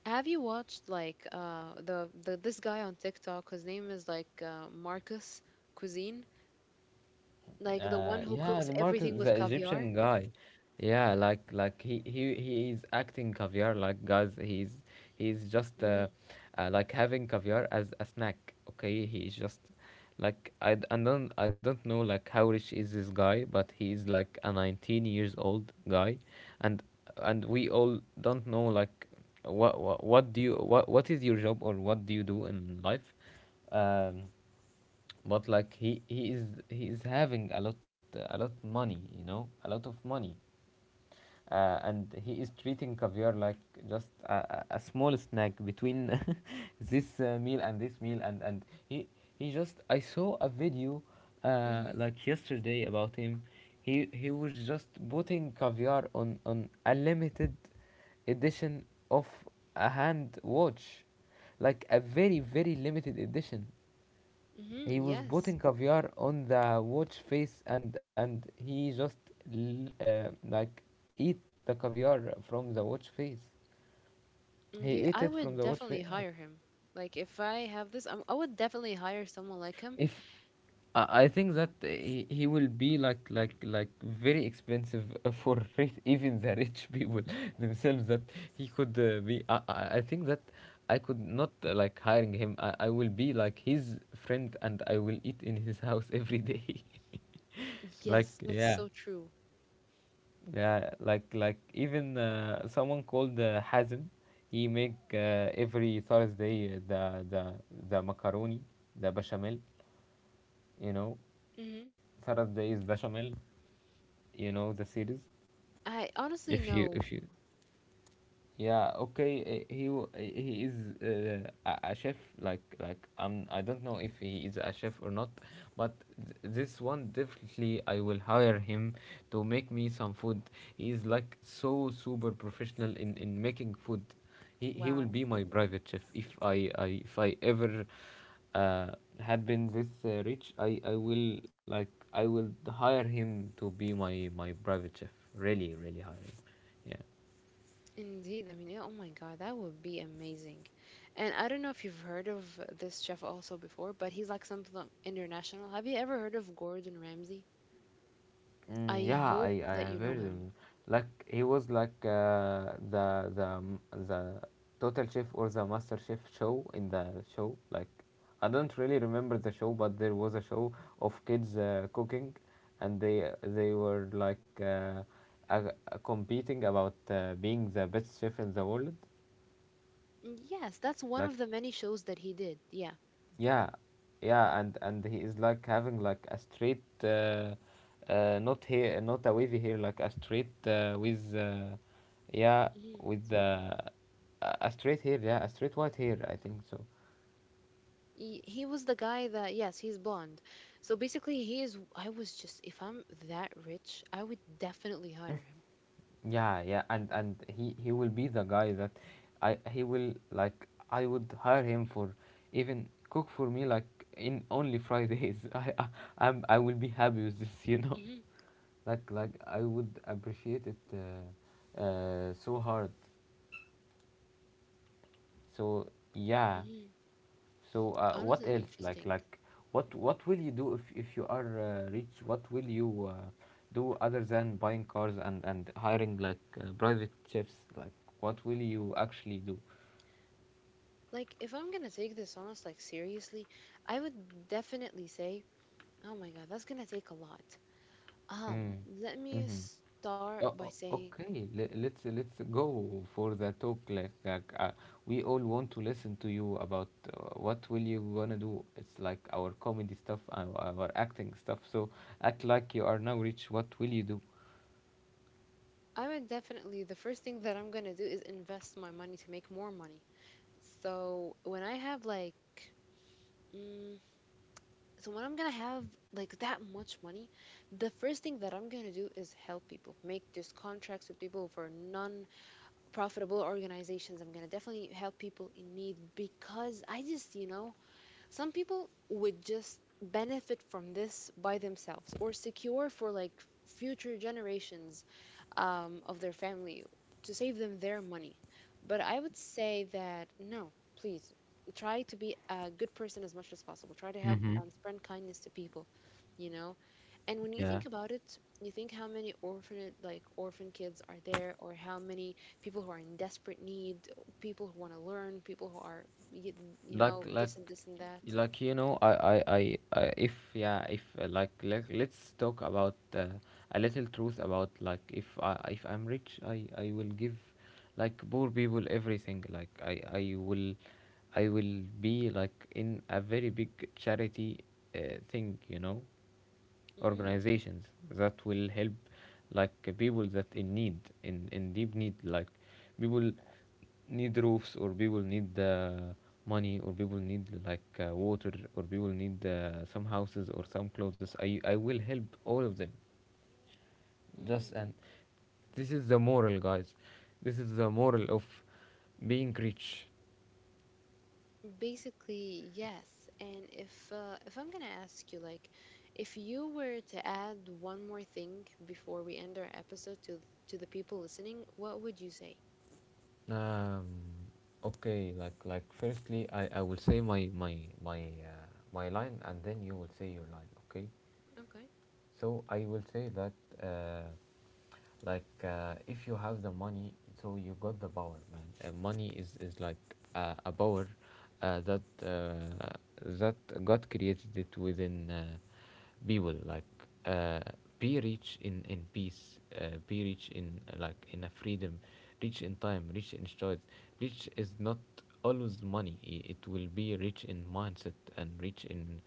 Have you watched like the this guy on TikTok whose name is like Marcus Cuisine, like the one who cooks Yeah, the everything with market, the caviar? Egyptian guy. Yeah, like he is acting caviar. Like, guys, he's just Mm, like having caviar as a snack. Okay, he is just like, I don't, I don't know like how rich is this guy, but he's like a 19 years old guy, and and we all don't know like what do you, what is your job, or what do you do in life, um, but like he is, he is having a lot, a lot money, you know, a lot of money, and he is treating caviar like just a small snack between this meal and this meal. And he he just I saw a video mm, like yesterday about him. He was just putting caviar on a limited edition of a hand watch, like a very very limited edition. mm, He was yes. putting caviar on the watch face, and he just l- uh, like eat the caviar from the watch face. Indeed, He ate I it would from the watch definitely face. hire him. Like if I have this, I would definitely hire someone like him. If I think that he will be like very expensive for even the rich people themselves that he could be. I think that I could not like hiring him. I will be like his friend, and I will eat in his house every day. like Yes, that's yeah so true. Yeah, like even someone called Hazm, he make every Thursday the macaroni, the bechamel, you know, Hmm. Thursday is bechamel, you know the series. I If honestly you if know. you yeah, okay. He is a chef. Like, I don't know if he is a chef or not, but this one definitely I will hire him to make me some food. He is like so super professional in making food. He will be Wow. my private chef if I ever uh had been this rich. I will like I will hire him to be my private chef. Really, really hire him. Yeah. Indeed, I mean, yeah, oh my God, that would be amazing. And I don't know if you've heard of this chef also before, but he's like something international. Have you ever heard of Gordon Ramsay? Mm, I yeah, hope I that you have know heard him. him. Like he was like the Total Chef or the Master Chef show in the show. Like I don't really remember the show, but there was a show of kids cooking, and they were like uh, competing about being the best chef in the world. Mm, yes, that's Like one of the many shows that he did. Yeah. yeah, yeah, and he is like having like a straight, not hair, not a wavy hair, like a straight with, yeah, Mhm. with a straight hair, yeah, a straight white hair, I think so. He was the guy that, yes, he's blonde. So basically, he is. I was just, if I'm that rich, I would definitely hire him. Yeah, yeah, and he will be the guy that I he will like I would hire him for, even cook for me like in only Fridays. I I will be happy with this, you know. Mm-hmm. Like I would appreciate it. So hard. So, yeah. Mm-hmm. So what Honestly, else? Interesting. Like what will you do if you are rich? What will you do other than buying cars and hiring like private chefs? Like what will you actually do? Like, if I'm gonna take this honest, like seriously, I would definitely say, oh my God, that's gonna take a lot. Mm. Let me Mm-hmm. start Oh, by oh, saying, okay. Let's go for the talk. Like we all want to listen to you about what will you gonna do. It's like our comedy stuff, our acting stuff. So act like you are now rich. What will you I would definitely, the first thing that I'm gonna do is invest my money to make more money. So when I have like, mm, so when I'm gonna have like that much money, the first thing that I'm gonna do is help people, make just contracts with people for non-profitable organizations. I'm gonna definitely help people in need because I just, you know, some people would just benefit from this by themselves or secure for like future generations of their family to save them their money. But I would say that no, please try to be a good person as much as possible. Try to help do? and spread kindness to people, you know? And when you Yeah, think about it, you think how many orphaned like orphan kids are there, or how many people who are in desperate need, people who want to learn, people who are you, you like know this like and this and that. like you know, I if yeah if like let let's talk about a little truth about like if I if I'm rich, I will give like poor people everything. Like I will I will be like in a very big charity thing, you know. Mm-hmm, Organizations that will help like people that in need in deep need, like people need roofs, or people need money, or people need like water, or people need some houses or some clothes. I will help all of them just mm-hmm. and this is the moral, guys. This is the moral of being rich. Basically, yes. And if I'm gonna ask you, like, if you were to add one more thing before we end our episode to the people listening, what would you say? Um, okay, like firstly, I will say my my line, and then you will say your line. Okay, Okay. so I will say that uh, if you have the money, so you got the power, man. Money is like a power uh, that uh, that god created it within people. Like uh, be rich in peace, be rich in in a freedom, rich in time, rich in choice. Rich is not always money. It will be rich in mindset and rich in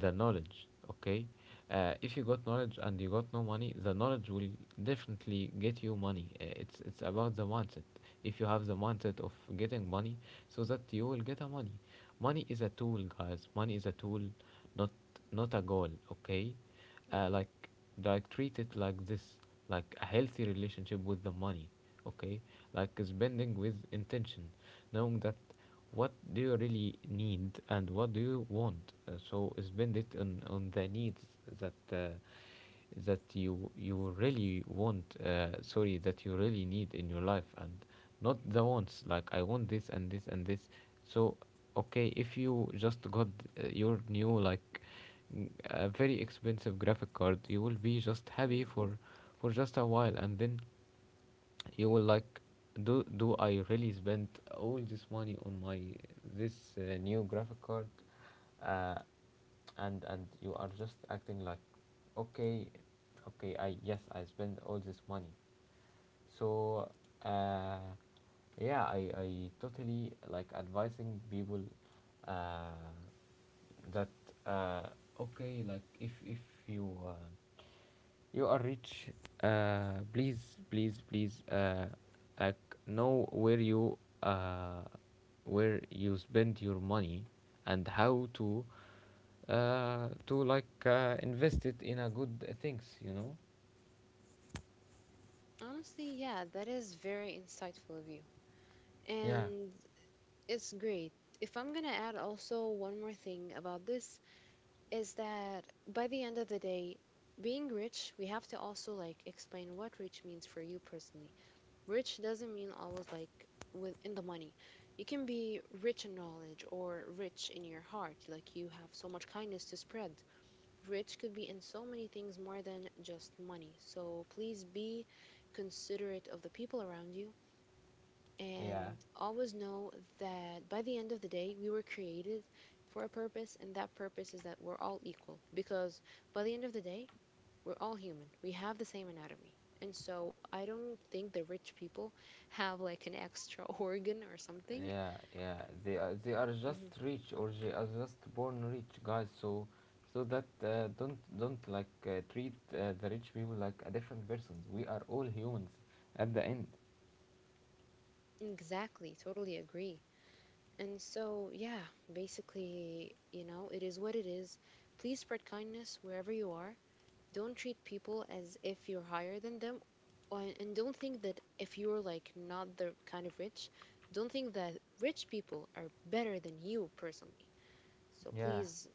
the knowledge. Okay, if you got knowledge and you got no money, the knowledge will definitely get you money. It's about the mindset. If you have the mindset of getting money, so that you will get a money. Money is a tool, guys. Money is a tool, not not a goal. Okay, uh, Mm-hmm. like like treat it like this, like a healthy relationship with the money. Okay, like spending with intention, knowing that what do you really need and what do you want. So spend it on the needs that you you really want, sorry, that you really need in your life, and not the wants, like I want this and this and this. So okay, if you just got your new like a very expensive graphic card, you will be just happy Mm. For just a while, and then you will like, do do I really spend all this money on my this new graphic card, uh, and you are just acting like okay, okay, I yes, I spend all this money. So uh, yeah, i totally like advising people uh, that uh, okay, like if you you are rich. Please, please, please. Like know uh, where you spend your money, and how to invest it in a good things. You know. Honestly, yeah, that is very insightful of you, Yeah. and it's great. If I'm gonna add also one more thing about this, is that by the end of the day, being rich, we have to also like explain what rich means for you personally. Rich doesn't mean always like with in the money. You can be rich in knowledge or rich in your heart, like you have so much kindness to spread. Rich could be in so many things more than just money. So please be considerate of the people around you Yeah. and always know that by the end of the day, we were created for a purpose, and that purpose is that we're all equal. Because by the end of the day, we're all human. We have the same anatomy. And so I don't think the rich people have like an extra organ or something. Yeah. Yeah. They are just Mhm. rich, or they are just born rich, guys. So, so that don't like treat the rich people like a different persons. We are all humans at the end. Exactly. Totally agree. And so, yeah, basically, you know, it is what it is. Please spread kindness wherever you are. Don't treat people as if you're higher than them. And don't think that if you're like not the kind of rich, don't think that rich people are better than you personally. So Yeah, please,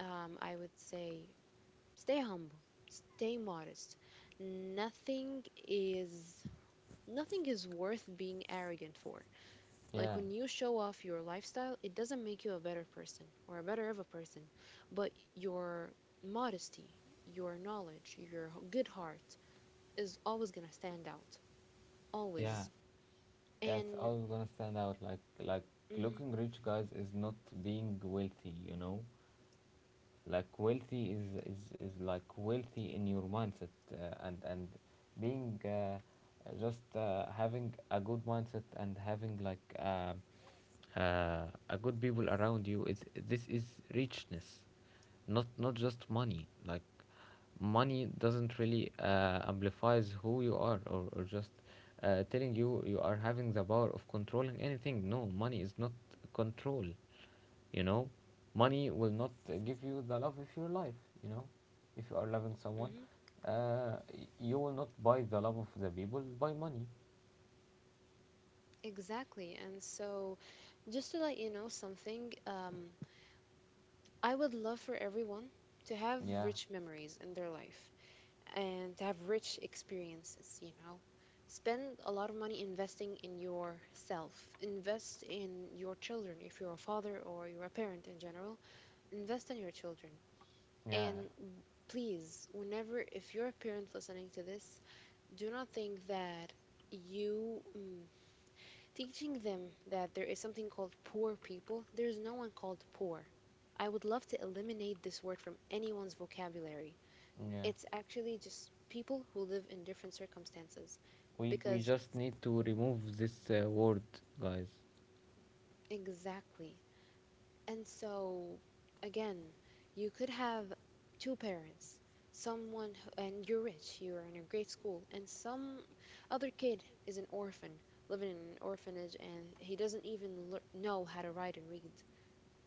I would say, stay humble, stay modest. Nothing is Nothing is worth being arrogant for. Like yeah. when you show off your lifestyle, it doesn't make you a better person or a better of a person, but your modesty, your knowledge, your good heart is always going to stand out. Yeah, Always. yeah, it's And always gonna stand out. Like mhm, looking rich, guys, is not being wealthy. You know, like wealthy is like wealthy in your mindset and being just having a good mindset and having like a good people around you is this is richness, not not just money. Like money doesn't really amplifies who you are, or just telling you you are having the power of controlling anything. No, money is not control, you know. Money will not give you the love of your life, you know. If you are loving someone, mhm, uh, you will not buy the love of the people by money. exactly. And so just to let you know something, I would love for everyone to have Yeah, rich memories in their life, and to have rich experiences, you know. Spend a lot of money investing in yourself. Invest in your children if you're a father or you're a parent in general. Invest in your children. yeah, And please, whenever, if you're a parent listening to this, do not think that you mm, teaching them that there is something called poor people, there's no one called poor. I would love to eliminate this word from anyone's vocabulary. yeah, It's actually just people who live in different circumstances we because just need to remove this word, guys. exactly. And so again, you could have two parents, and you're rich, you're in a great school, and some other kid is an orphan living in an orphanage and he doesn't even know how to write and read.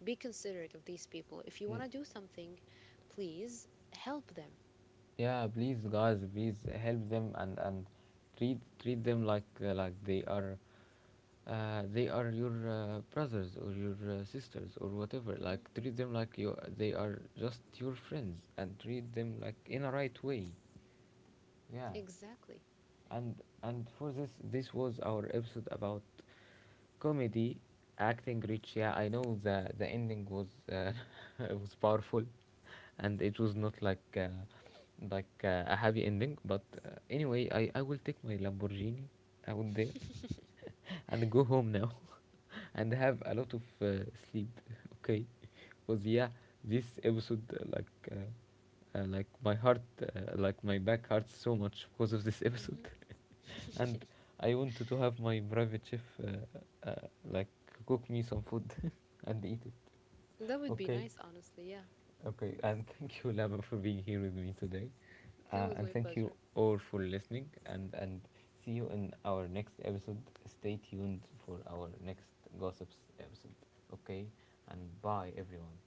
Be considerate of these people. If you want Y- to do something, please help them. yeah, please, guys, please help them, and treat treat them like they are your brothers or your sisters or whatever. Hmm, Like treat them like you they are just your friends, and treat them like in a right way. Yeah. exactly. and and for this, this was our episode about comedy acting rich. Yeah, I know the ending was it was powerful, and it was not like a happy ending, but anyway, I will take my lamborghini out there and go home now and have a lot of sleep. Okay, was yeah, this episode like my heart, like my back hurts so much because of this episode, Hmm. and I wanted to have my private chef like cook me some food and eat it. That would be Okay, nice, honestly. Yeah, okay, and thank you, Lama, for being here with me today. it was my And thank you pleasure. all for listening. And see you in our next episode. Stay tuned for our next gossips episode. Okay? And bye, everyone.